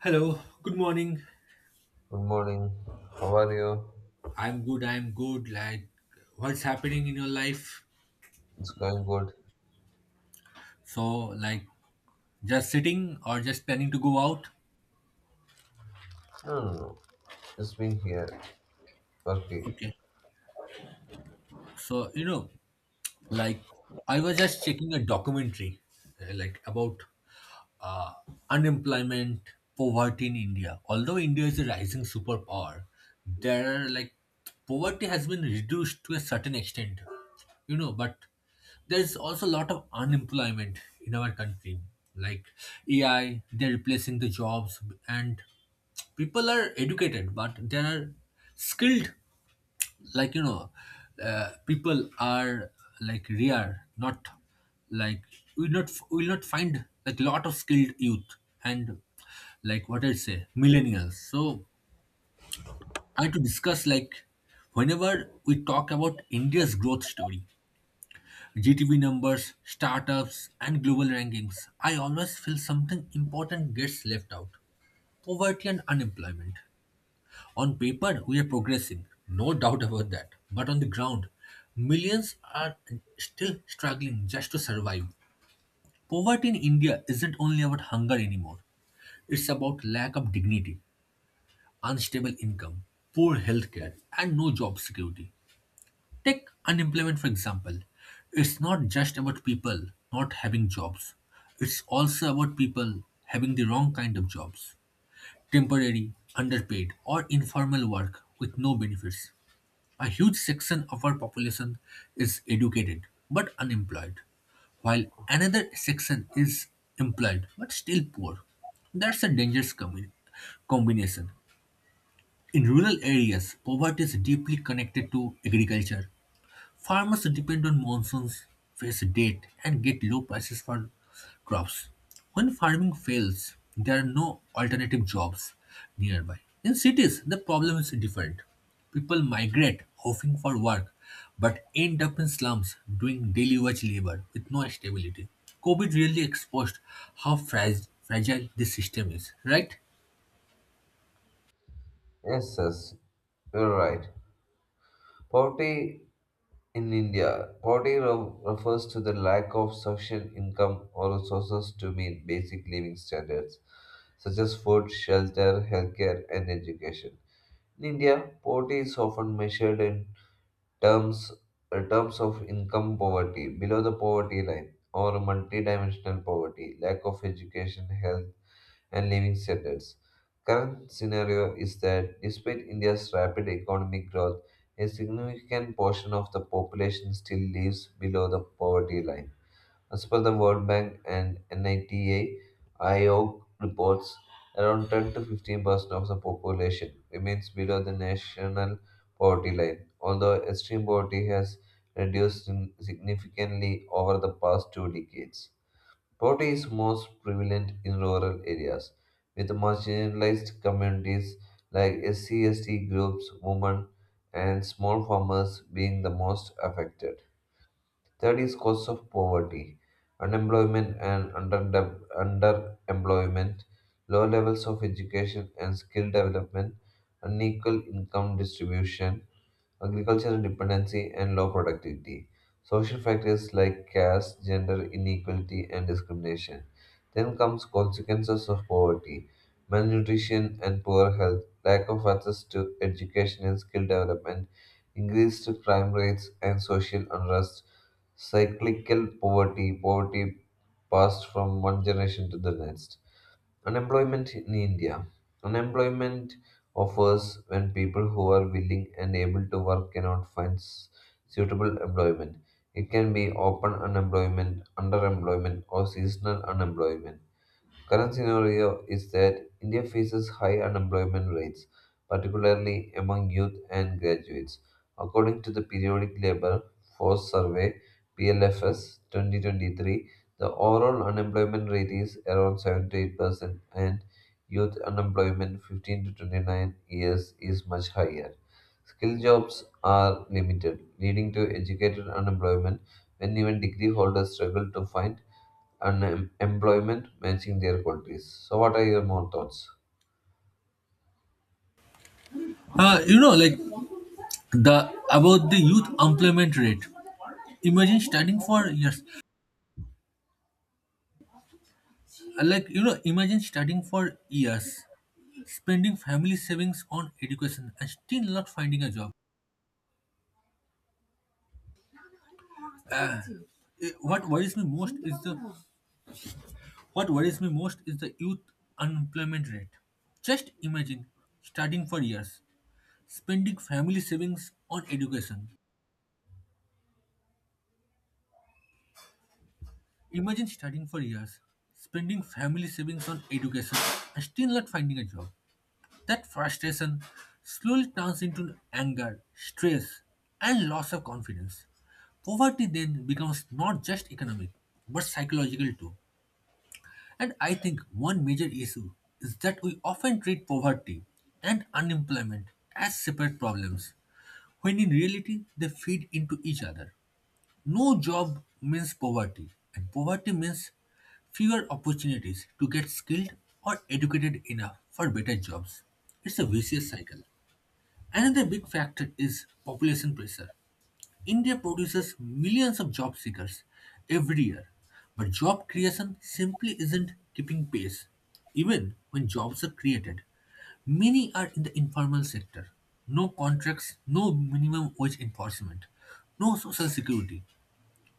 Hello, good morning. Good morning. How are you? I'm good, I'm good. Like, what's happening in your life? It's going good. So, like, just sitting or just planning to go out? No, no, no. Just been here. Working. Okay. So, you know, like I was just checking a documentary like about uh, unemployment poverty in india, although india is a rising superpower, there are like poverty has been reduced to a certain extent, you know, but there's also a lot of unemployment in our country, like AI they're replacing the jobs, and people are educated but there are skilled, like you know, people are like rare not like we'll not find like lot of skilled youth, and like what I say millennials. So I had to discuss like whenever we talk about india's growth story, GDP numbers, startups, and global rankings, I always feel something important gets left out, poverty and unemployment. On paper, we are progressing, no doubt about that. But on the ground, millions are still struggling just to survive. Poverty in India isn't only about hunger anymore, it's about lack of dignity, unstable income, poor healthcare, and no job security. Take unemployment, for example. It's not just about people not having jobs, it's also about people having the wrong kind of jobs, temporary, underpaid, or informal work with no benefits. A huge section of our population is educated but unemployed, while another section is employed but still poor. That's a dangerous combination. In rural areas, poverty is deeply connected to agriculture. Farmers depend on monsoons, face debt, and get low prices for crops. When farming fails, there are no alternative jobs nearby. In cities, the problem is different. People migrate hoping for work but end up in slums doing daily wage labor with no stability. COVID really exposed how fragile this system is, right? Yes, yes, you're right. Poverty in India. Refers to the lack of sufficient income or resources to meet basic living standards, such as food, shelter, healthcare, and education. In India, poverty is often measured in terms terms of income poverty, below the poverty line, or multidimensional poverty, lack of education, health, and living standards. Current scenario is that despite India's rapid economic growth, a significant portion of the population still lives below the poverty line as per the World Bank and NITA IO reports, around 10 to 15% of the population remains below the national poverty line, although extreme poverty has significantly over the past two decades. Poverty is most prevalent in rural areas, with marginalized communities like SCST groups, women, and small farmers being the most affected. Third is cause of poverty, unemployment and underemployment, low levels of education and skill development, unequal income distribution, agricultural dependency, and low productivity. Social factors like caste, gender inequality, and discrimination. Then comes consequences of poverty, malnutrition and poor health, lack of access to education and skill development, increased crime rates and social unrest, cyclical poverty, poverty passed from one generation to the next. Unemployment in India. Unemployment offers when people who are willing and able to work cannot find suitable employment. It can be open unemployment, underemployment, or seasonal unemployment. Current scenario is that India faces high unemployment rates, particularly among youth and graduates. According to the Periodic Labour Force Survey (PLFS) 2023, the overall unemployment rate is around 7 to 8%, and youth unemployment 15 to 29 years is much higher. Skill jobs are limited, leading to educated unemployment when even degree holders struggle to find unemployment matching their qualities. So, what are your more thoughts? You know, like the about the youth employment rate. Imagine studying for years Like, you know, imagine studying for years, spending family savings on education, and still not finding a job. Uh, what worries me most is the youth unemployment rate. Just imagine studying for years, spending family savings on education. Imagine studying for years, spending family savings on education, and still not finding a job. That frustration slowly turns into anger, stress, and loss of confidence. Poverty then becomes not just economic, but psychological too. And I think one major issue is that we often treat poverty and unemployment as separate problems, when in reality they feed into each other. No job means poverty, and poverty means fewer opportunities to get skilled or educated enough for better jobs. It's a vicious cycle. Another big factor is population pressure. India produces millions of job seekers every year, but job creation simply isn't keeping pace. Even when jobs are created, many are in the informal sector. No contracts, no minimum wage enforcement, no social security.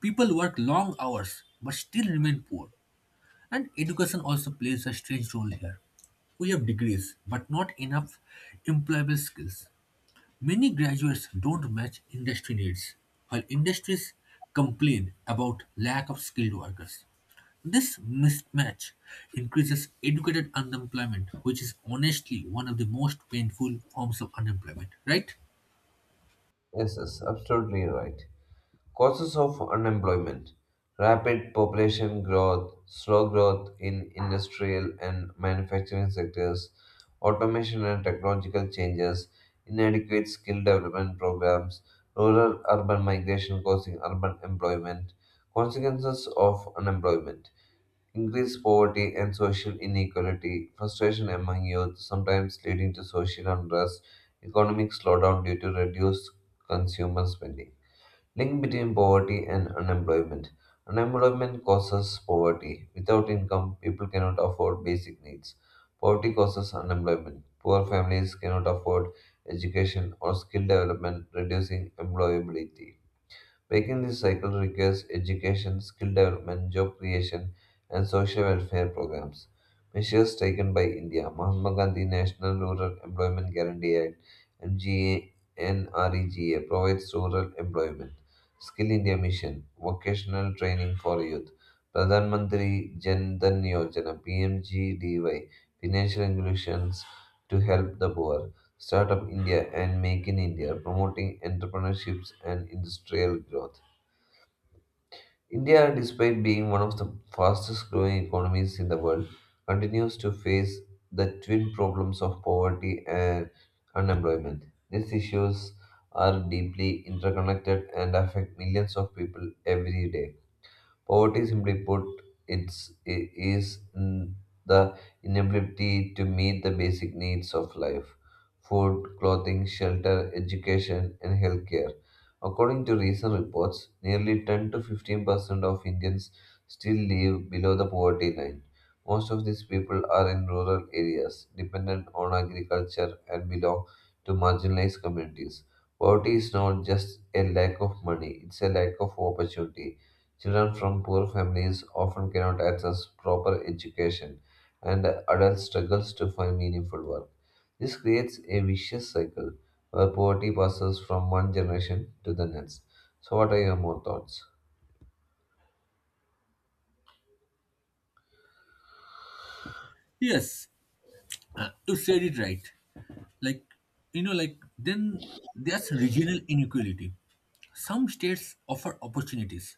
People work long hours but still remain poor. And education also plays a strange role here. We have degrees but not enough employable skills. Many graduates don't match industry needs, while industries complain about lack of skilled workers. This mismatch increases educated unemployment, which is honestly one of the most painful forms of unemployment, right? Yes, yes, absolutely right. Causes of unemployment: rapid population growth, slow growth in industrial and manufacturing sectors, automation and technological changes, inadequate skill development programs, rural urban migration causing urban employment, consequences of unemployment. Increased poverty and social inequality, frustration among youth, sometimes leading to social unrest, economic slowdown due to reduced consumer spending. Link between poverty and unemployment. Unemployment causes poverty. Without income, people cannot afford basic needs. Poverty causes unemployment. Poor families cannot afford education or skill development, reducing employability. Breaking this cycle requires education, skill development, job creation, and social welfare programs. Measures taken by India, Mahatma Gandhi National Rural Employment Guarantee Act, MGNREGA, provides rural employment. Skill India Mission, vocational training for youth. Pradhan Mantri Jan Dhan Yojana, PMGDY, financial inclusions to help the poor. Startup India and Make in India, promoting entrepreneurships and industrial growth. India, despite being one of the fastest growing economies in the world, continues to face the twin problems of poverty and unemployment. These issues are deeply interconnected and affect millions of people every day. Poverty, simply put, it's, I- is mm, the inability to meet the basic needs of life: food, clothing, shelter, education, and healthcare. According to recent reports, nearly 10 to 15% of Indians still live below the poverty line. Most of these people are in rural areas, dependent on agriculture, and belong to marginalized communities. Poverty is not just a lack of money, it's a lack of opportunity. Children from poor families often cannot access proper education, and adult struggles to find meaningful work. This creates a vicious cycle where poverty passes from one generation to the next. So, what are your more thoughts? Yes. You said it right. Like, you know, like, then there's regional inequality. Some states offer opportunities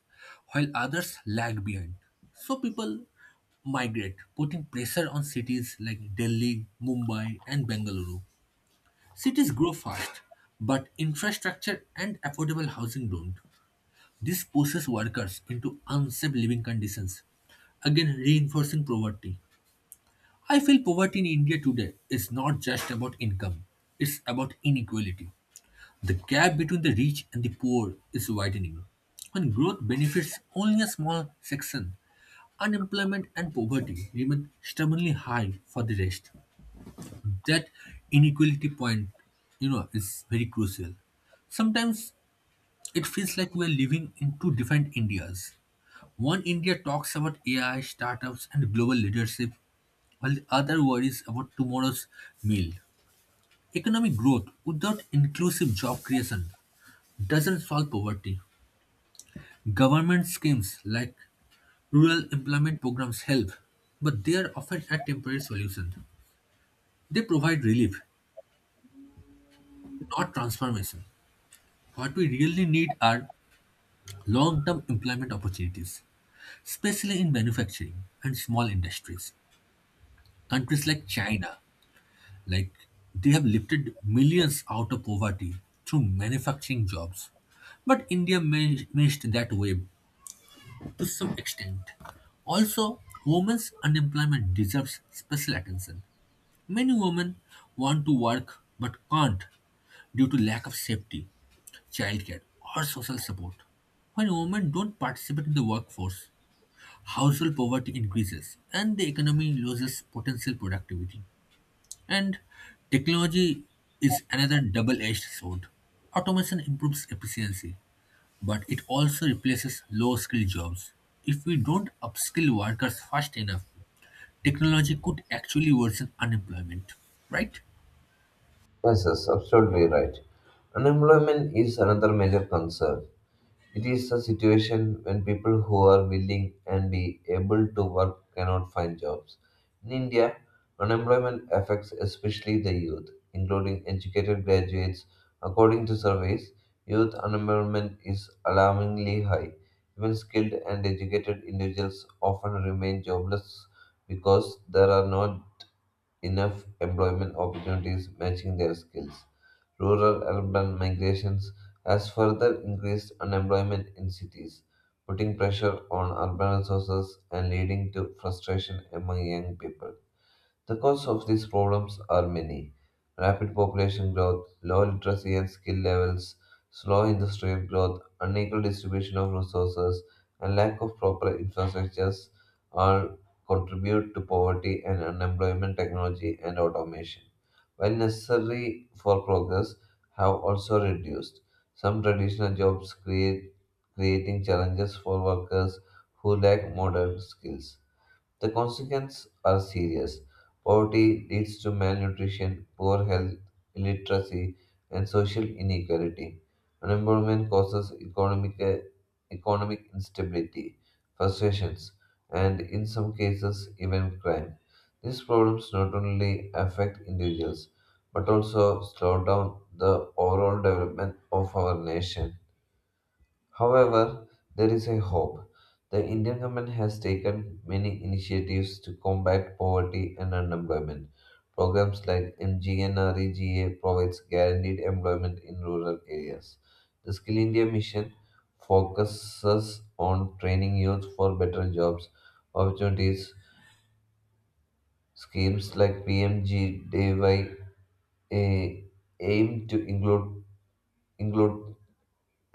while others lag behind. So people migrate, putting pressure on cities like Delhi, Mumbai, and Bengaluru. Cities grow fast, but infrastructure and affordable housing don't. This pushes workers into unsafe living conditions, again reinforcing poverty. I feel poverty in India today is not just about income, it's about inequality. The gap between the rich and the poor is widening. When growth benefits only a small section, unemployment and poverty remain stubbornly high for the rest. That inequality point, you know, is very crucial. Sometimes it feels like we are living in two different Indias. One India talks about AI, startups, and global leadership, while the other worries about tomorrow's meal. Economic growth without inclusive job creation doesn't solve poverty. Government schemes like rural employment programs help, but they are often a temporary solution. They provide relief, not transformation. What we really need are long term employment opportunities, especially in manufacturing and small industries. Countries like China, Like they have lifted millions out of poverty through manufacturing jobs. But India missed that wave to some extent. Also, women's unemployment deserves special attention. Many women want to work but can't due to lack of safety, childcare, or social support. When women don't participate in the workforce, household poverty increases and the economy loses potential productivity. And technology is another double edged sword. Automation improves efficiency, but it also replaces low skilled jobs. If we don't upskill workers fast enough, technology could actually worsen unemployment, right? Yes, yes, absolutely right. Unemployment is another major concern. It is a situation when people who are willing and be able to work cannot find jobs. In India, unemployment affects especially the youth, including educated graduates. According to surveys, youth unemployment is alarmingly high. Even skilled and educated individuals often remain jobless because there are no enough employment opportunities matching their skills. Rural urban migrations has further increased unemployment in cities, putting pressure on urban resources and leading to frustration among young people. The causes of these problems are many: rapid population growth, low literacy and skill levels, slow industrial growth, unequal distribution of resources, and lack of proper infrastructures all contribute to poverty and unemployment. Technology and automation, while necessary for progress, have also reduced. Some traditional jobs create creating challenges for workers who lack modern skills. The consequences are serious. Poverty leads to malnutrition, poor health, illiteracy, and social inequality. Unemployment causes economic instability, frustrations, and in some cases, even crime. These problems not only affect individuals but also slow down the overall development of our nation. However, there is a hope. The Indian government has taken many initiatives to combat poverty and unemployment. Programs like MGNREGA provides guaranteed employment in rural areas. The Skill India mission focuses on training youth for better jobs opportunities. Schemes like PMGDY eh, aim to include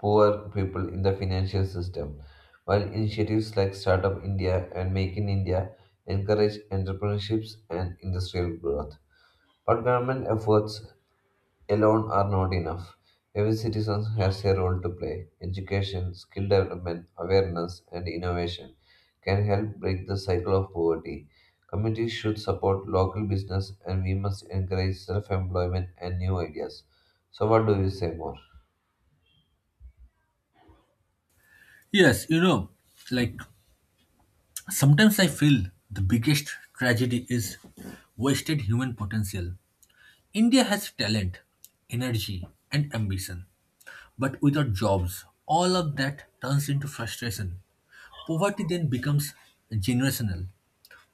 poor people in the financial system, while initiatives like Startup India and Make in India encourage entrepreneurships and industrial growth. But government efforts alone are not enough. Every citizen has a role to play. Education, skill development, awareness, and innovation can help break the cycle of poverty. Communities should support local business, and we must encourage self employment and new ideas. So, what do you say more? Yes, you know, like sometimes I feel the biggest tragedy is wasted human potential. India has talent, energy, and ambition, but without jobs, all of that turns into frustration. Poverty then becomes generational,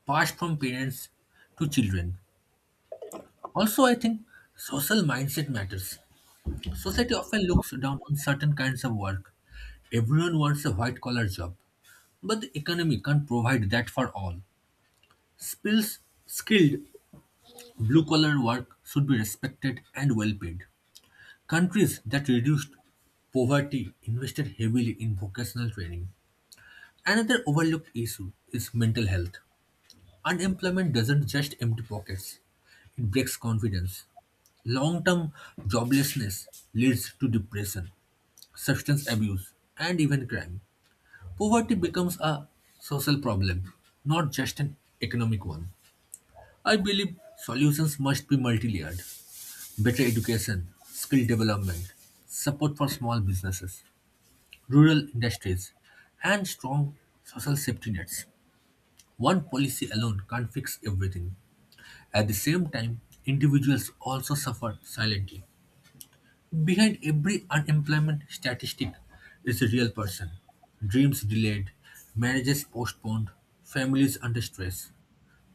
passed from parents to children. Also, I think social mindset matters. Society often looks down on certain kinds of work. Everyone wants a white collar job, but the economy can't provide that for all. Skills, skilled blue collar work should be respected and well paid. Countries that reduced poverty invested heavily in vocational training. Another overlooked issue is mental health. Unemployment doesn't just empty pockets, it breaks confidence. Long term joblessness leads to depression, substance abuse, and even crime. Poverty becomes a social problem, not just an economic one. I believe solutions must be multi layered, better education, skill development, support for small businesses, rural industries, and strong social safety nets. One policy alone can't fix everything. At the same time, individuals also suffer silently. Behind every unemployment statistic is a real person. Dreams delayed, marriages postponed, families under stress.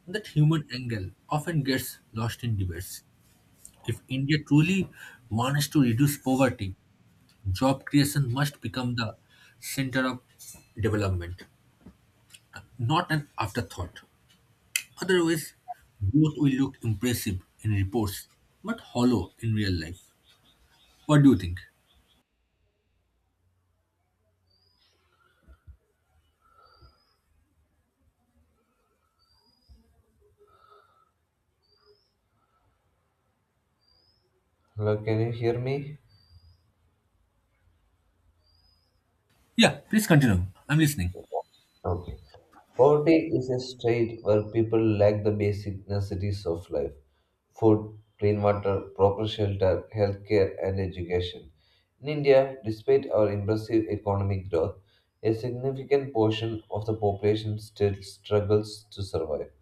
That human angle often gets lost in debates. If India truly wants to reduce poverty, job creation must become the center of development, not an afterthought. Otherwise, both will look impressive in reports, but hollow in real life. What do you think? Hello, can you hear me? Yeah, please continue. I'm listening. Um, Poverty is a state where people lack the basic necessities of life: food, clean water, proper shelter, healthcare, and education. In India, despite our impressive economic growth, a significant portion of the population still struggles to survive.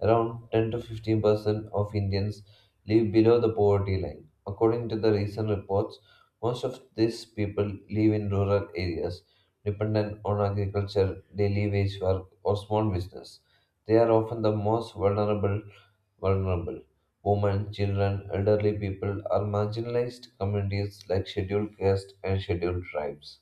Around 10 to 15% of Indians live below the poverty line. According to the recent reports, most of these people live in rural areas, dependent on agriculture, daily wage work, or small business. They are often the most vulnerable. Women, children, elderly people are marginalized communities like scheduled castes and scheduled tribes.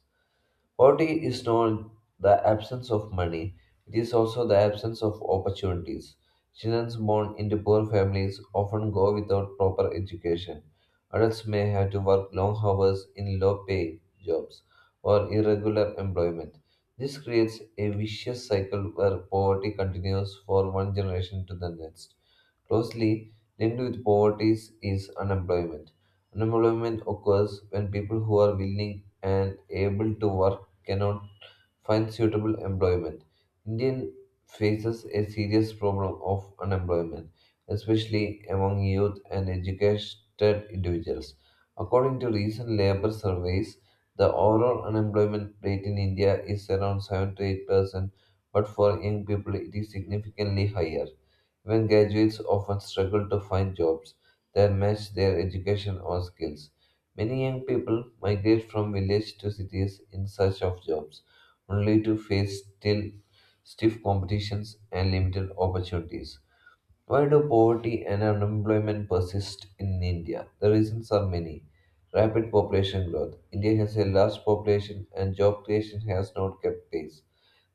Poverty is not the absence of money, it is also the absence of opportunities. Children born into poor families often go without proper education. Adults may have to work long hours in low pay jobs or irregular employment. This creates a vicious cycle where poverty continues for one generation to the next. Closely linked with poverty is unemployment. Unemployment occurs when people who are willing and able to work cannot find suitable employment. Indian faces a serious problem of unemployment, especially among youth and educated individuals. According to recent labor surveys, the overall unemployment rate in India is around 7 to 8%, but for young people it is significantly higher. Even graduates often struggle to find jobs that match their education or skills. Many young people migrate from villages to cities in search of jobs, only to face still stiff competitions and limited opportunities. Why do poverty and unemployment persist in India? The reasons are many. Rapid population growth. India has a large population and job creation has not kept pace.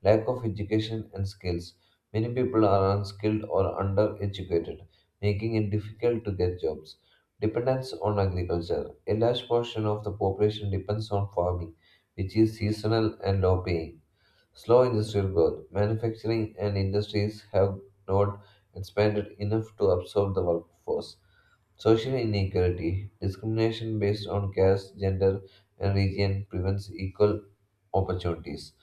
Lack of education and skills. Many people are unskilled or undereducated, making it difficult to get jobs. Dependence on agriculture. A large portion of the population depends on farming, which is seasonal and low paying. Slow industrial growth. Manufacturing and industries have not expanded enough to absorb the workforce. Social inequality. Discrimination based on caste, gender, and region prevents equal opportunities.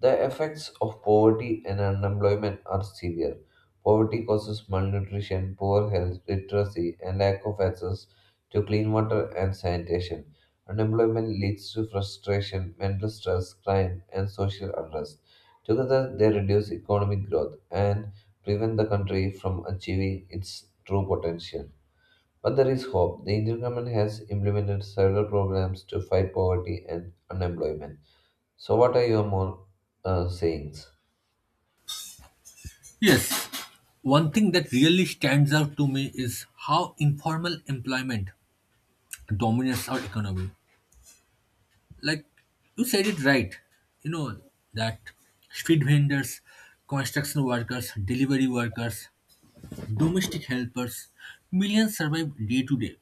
The effects of poverty and unemployment are severe. Poverty causes malnutrition, poor health, literacy, and lack of access to clean water and sanitation. Unemployment leads to frustration, mental stress, crime, and social unrest. Together, they reduce economic growth and prevent the country from achieving its true potential. But there is hope. The Indian government has implemented several programs to fight poverty and unemployment. So, what are your more sayings? Yes, one thing that really stands out to me is how informal employment dominates our economy. Like you said it right, you know, that street vendors, construction workers, delivery workers, domestic helpers, millions survive day to day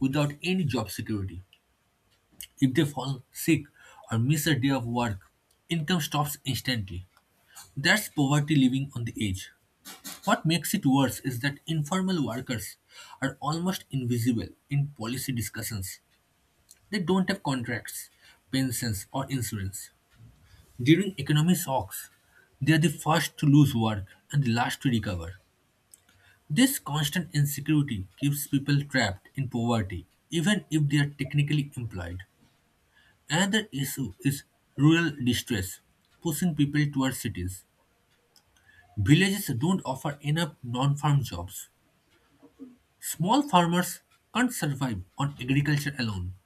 without any job security. If they fall sick or miss a day of work, income stops instantly. That's poverty living on the edge. What makes it worse is that informal workers are almost invisible in policy discussions. They don't have contracts, pensions, or insurance. During economic shocks, they are the first to lose work and the last to recover. This constant insecurity keeps people trapped in poverty, even if they are technically employed. Another issue is rural distress, pushing people towards cities. Villages don't offer enough non farm jobs. Small farmers can't survive on agriculture alone,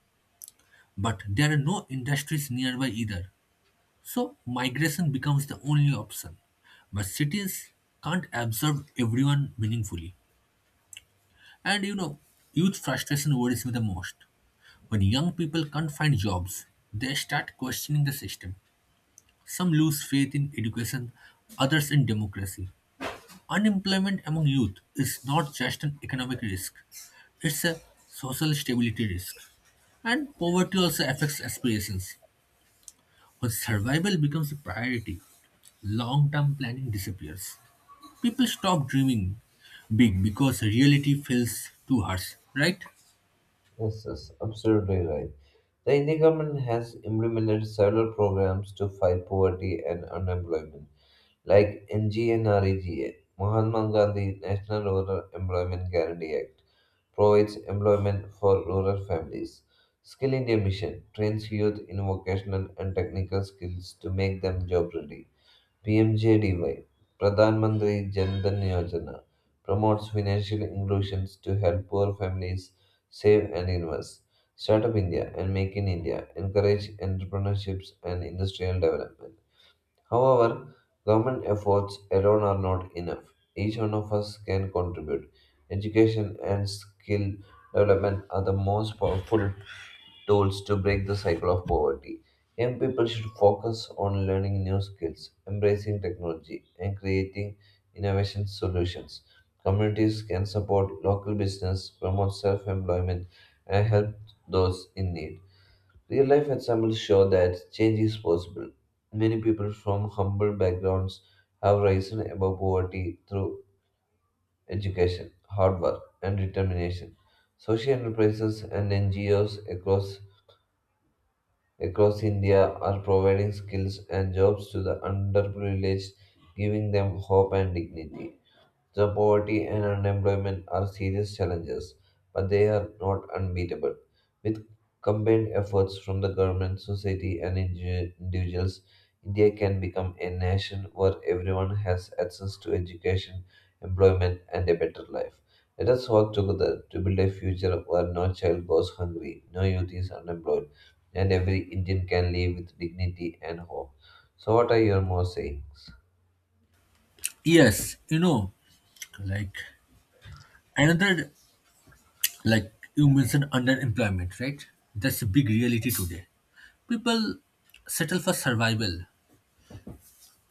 but there are no industries nearby either. So migration becomes the only option. But cities can't absorb everyone meaningfully. And you know, youth frustration worries me the most. When young people can't find jobs, they start questioning the system. Some lose faith in education, others in democracy. Unemployment among youth is not just an economic risk, it's a social stability risk. And poverty also affects aspirations. When survival becomes a priority, long term planning disappears. People stop dreaming big because reality feels too harsh, right? Yes, yes, absolutely right. The Indian government has implemented several programs to fight poverty and unemployment, like NGNREGA, Mahatma Gandhi National Rural Employment Guarantee Act, provides employment for rural families. Skill India Mission trains youth in vocational and technical skills to make them job ready. PMJDY, Pradhan Mantri Jan Dhan Yojana, promotes financial inclusion to help poor families save and invest. Startup India and Make in India encourage entrepreneurships and industrial development. However, government efforts alone are not enough. Each one of us can contribute. Education and skill development are the most powerful tools to break the cycle of poverty. Young people should focus on learning new skills, embracing technology, and creating innovation solutions. Communities can support local business, promote self employment, and help those in need. Real life examples show that change is possible. Many people from humble backgrounds have risen above poverty through education, hard work, and determination. Social enterprises and NGOs across India are providing skills and jobs to the underprivileged, giving them hope and dignity. The poverty and unemployment are serious challenges, but they are not unbeatable. With combined efforts from the government, society, and individuals, India can become a nation where everyone has access to education, employment, and a better life. Let us work together to build a future where no child goes hungry, no youth is unemployed, and every Indian can live with dignity and hope. So, what are your more sayings? Yes, you know, like another, like you mentioned underemployment, right? That's a big reality today. People settle for survival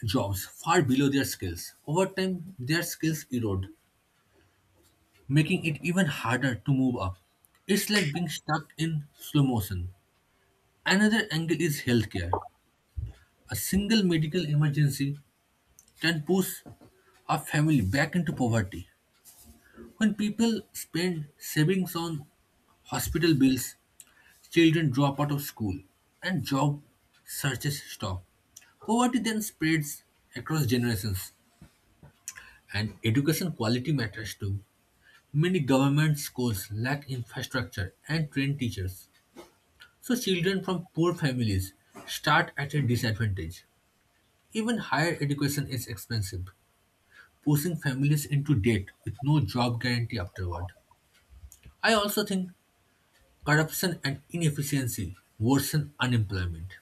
jobs far below their skills. Over time their skills erode, making it even harder to move up. It's like being stuck in slow motion. Another angle is healthcare. A single medical emergency can push a family back into poverty. When people spend savings on hospital bills, children drop out of school and job searches stop. Poverty then spreads across generations. And education quality matters too. Many government schools lack infrastructure and trained teachers, so children from poor families start at a disadvantage. Even higher education is expensive, pushing families into debt with no job guarantee afterward. I also think corruption and inefficiency worsen unemployment.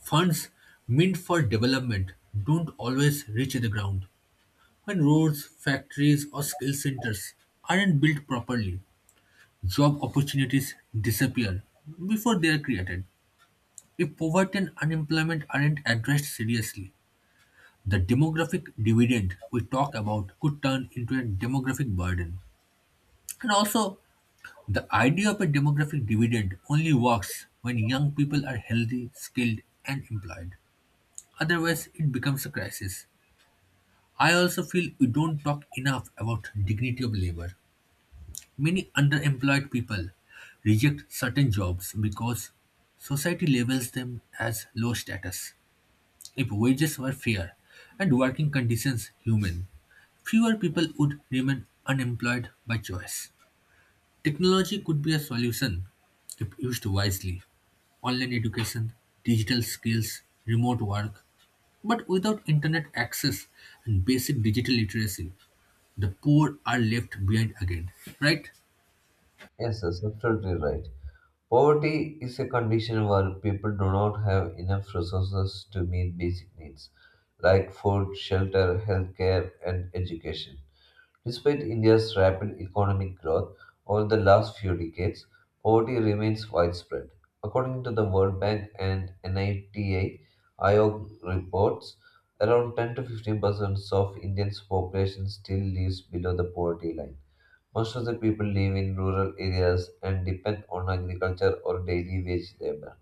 Funds meant for development don't always reach the ground. When roads, factories, or skill centers aren't built properly, job opportunities disappear before they are created. If poverty and unemployment aren't addressed seriously, the demographic dividend we talk about could turn into a demographic burden. And also, the idea of a demographic dividend only works when young people are healthy, skilled, and employed. Otherwise, it becomes a crisis. I also feel we don't talk enough about dignity of labor. Many underemployed people reject certain jobs because society labels them as low status. If wages were fair and working conditions human, fewer people would remain unemployed by choice. Technology could be a solution if used wisely. Online education, digital skills, remote work, but without internet access and basic digital literacy, the poor are left behind again, right? Yes, that's absolutely right. Poverty is a condition where people do not have enough resources to meet basic needs like food, shelter, healthcare, and education. Despite India's rapid economic growth over the last few decades, poverty remains widespread. According to the World Bank and NITA IOG reports, around 10 to 15% of Indians' population still lives below the poverty line. Most of the people live in rural areas and depend on agriculture or daily wage labor.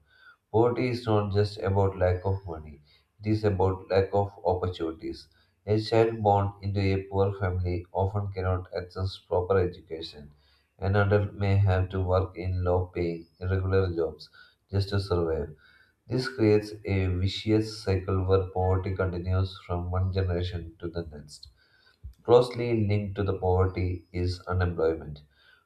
Poverty is not just about lack of money, it is about lack of opportunities. A child born into a poor family often cannot access proper education. An adult may have to work in low paying, irregular jobs just to survive. This creates a vicious cycle where poverty continues from one generation to the next. Closely linked to the poverty is unemployment.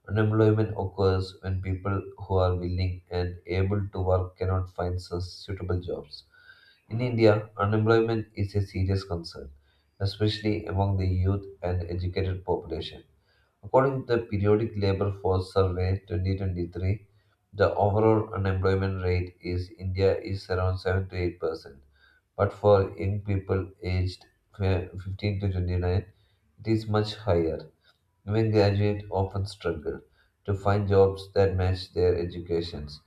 Unemployment occurs when people who are willing and able to work cannot find suitable jobs. In India, unemployment is a serious concern, especially among the youth and educated population. According to the Periodic Labor Force Survey 2023, the overall unemployment rate is India is around 7 to 8%, but for young people aged 15 to 29, it is much higher. Even graduates often struggle to find jobs that match their educations.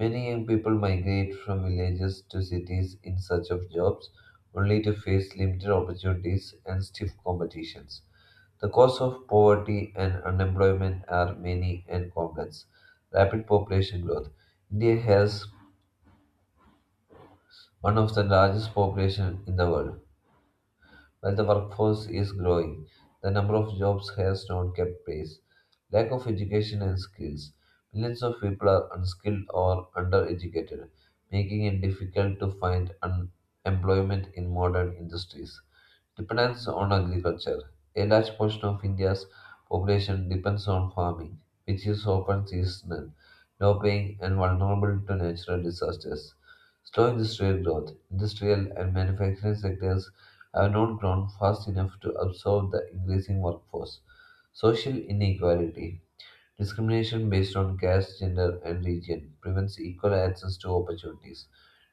Many young people migrate from villages to cities in search of jobs, only to face limited opportunities and stiff competitions. The cause of poverty and unemployment are many and complex. Rapid population growth. India has one of the largest population in the world. While the workforce is growing, the number of jobs has not kept pace. Lack of education and skills. Millions of people are unskilled or undereducated, making it difficult to find employment in modern industries. Dependence on agriculture. A large portion of India's population depends on farming, which is often seasonal, low paying, and vulnerable to natural disasters. Slow industrial growth. Industrial and manufacturing sectors have not grown fast enough to absorb the increasing workforce. Social inequality, discrimination based on caste, gender, and region, prevents equal access to opportunities.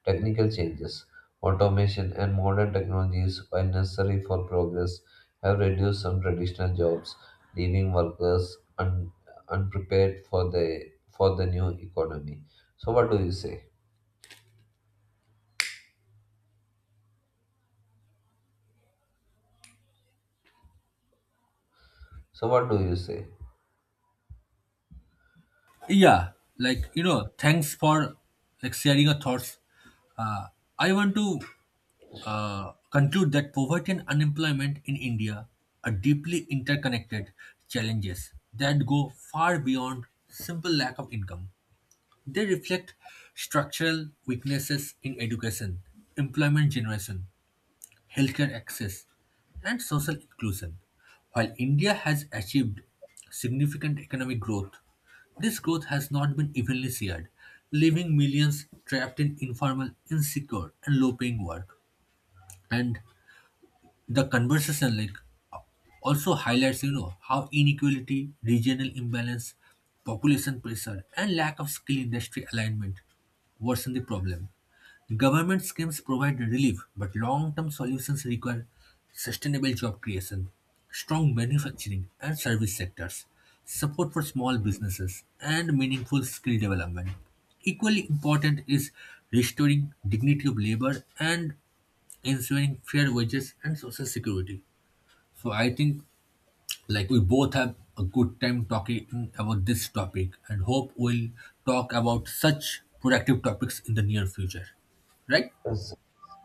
Technical changes, automation, and modern technologies, while necessary for progress, have reduced some traditional jobs, leaving workers unprepared for the new economy. So, what do you say? So, what do you say? Yeah, like you know, thanks for like sharing your thoughts. Uh, I want to conclude that poverty and unemployment in India are deeply interconnected challenges that go far beyond simple lack of income. They reflect structural weaknesses in education, employment generation, healthcare access, and social inclusion. While India has achieved significant economic growth, this growth has not been evenly shared, leaving millions trapped in informal, insecure, and low-paying work. And the conversation, like, also highlights, you know, how inequality, regional imbalance, population pressure, and lack of skill industry alignment worsen the problem. Government schemes provide relief, but long-term solutions require sustainable job creation, strong manufacturing and service sectors, support for small businesses, and meaningful skill development. Equally important is restoring dignity of labor and ensuring fair wages and social security. So I think like we both have a good time talking about this topic and hope we'll talk about such productive topics in the near future. Right? Yes,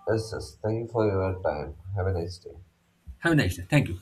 yes, yes. Thank you for your time. Have a nice day. Have a nice day. Thank you.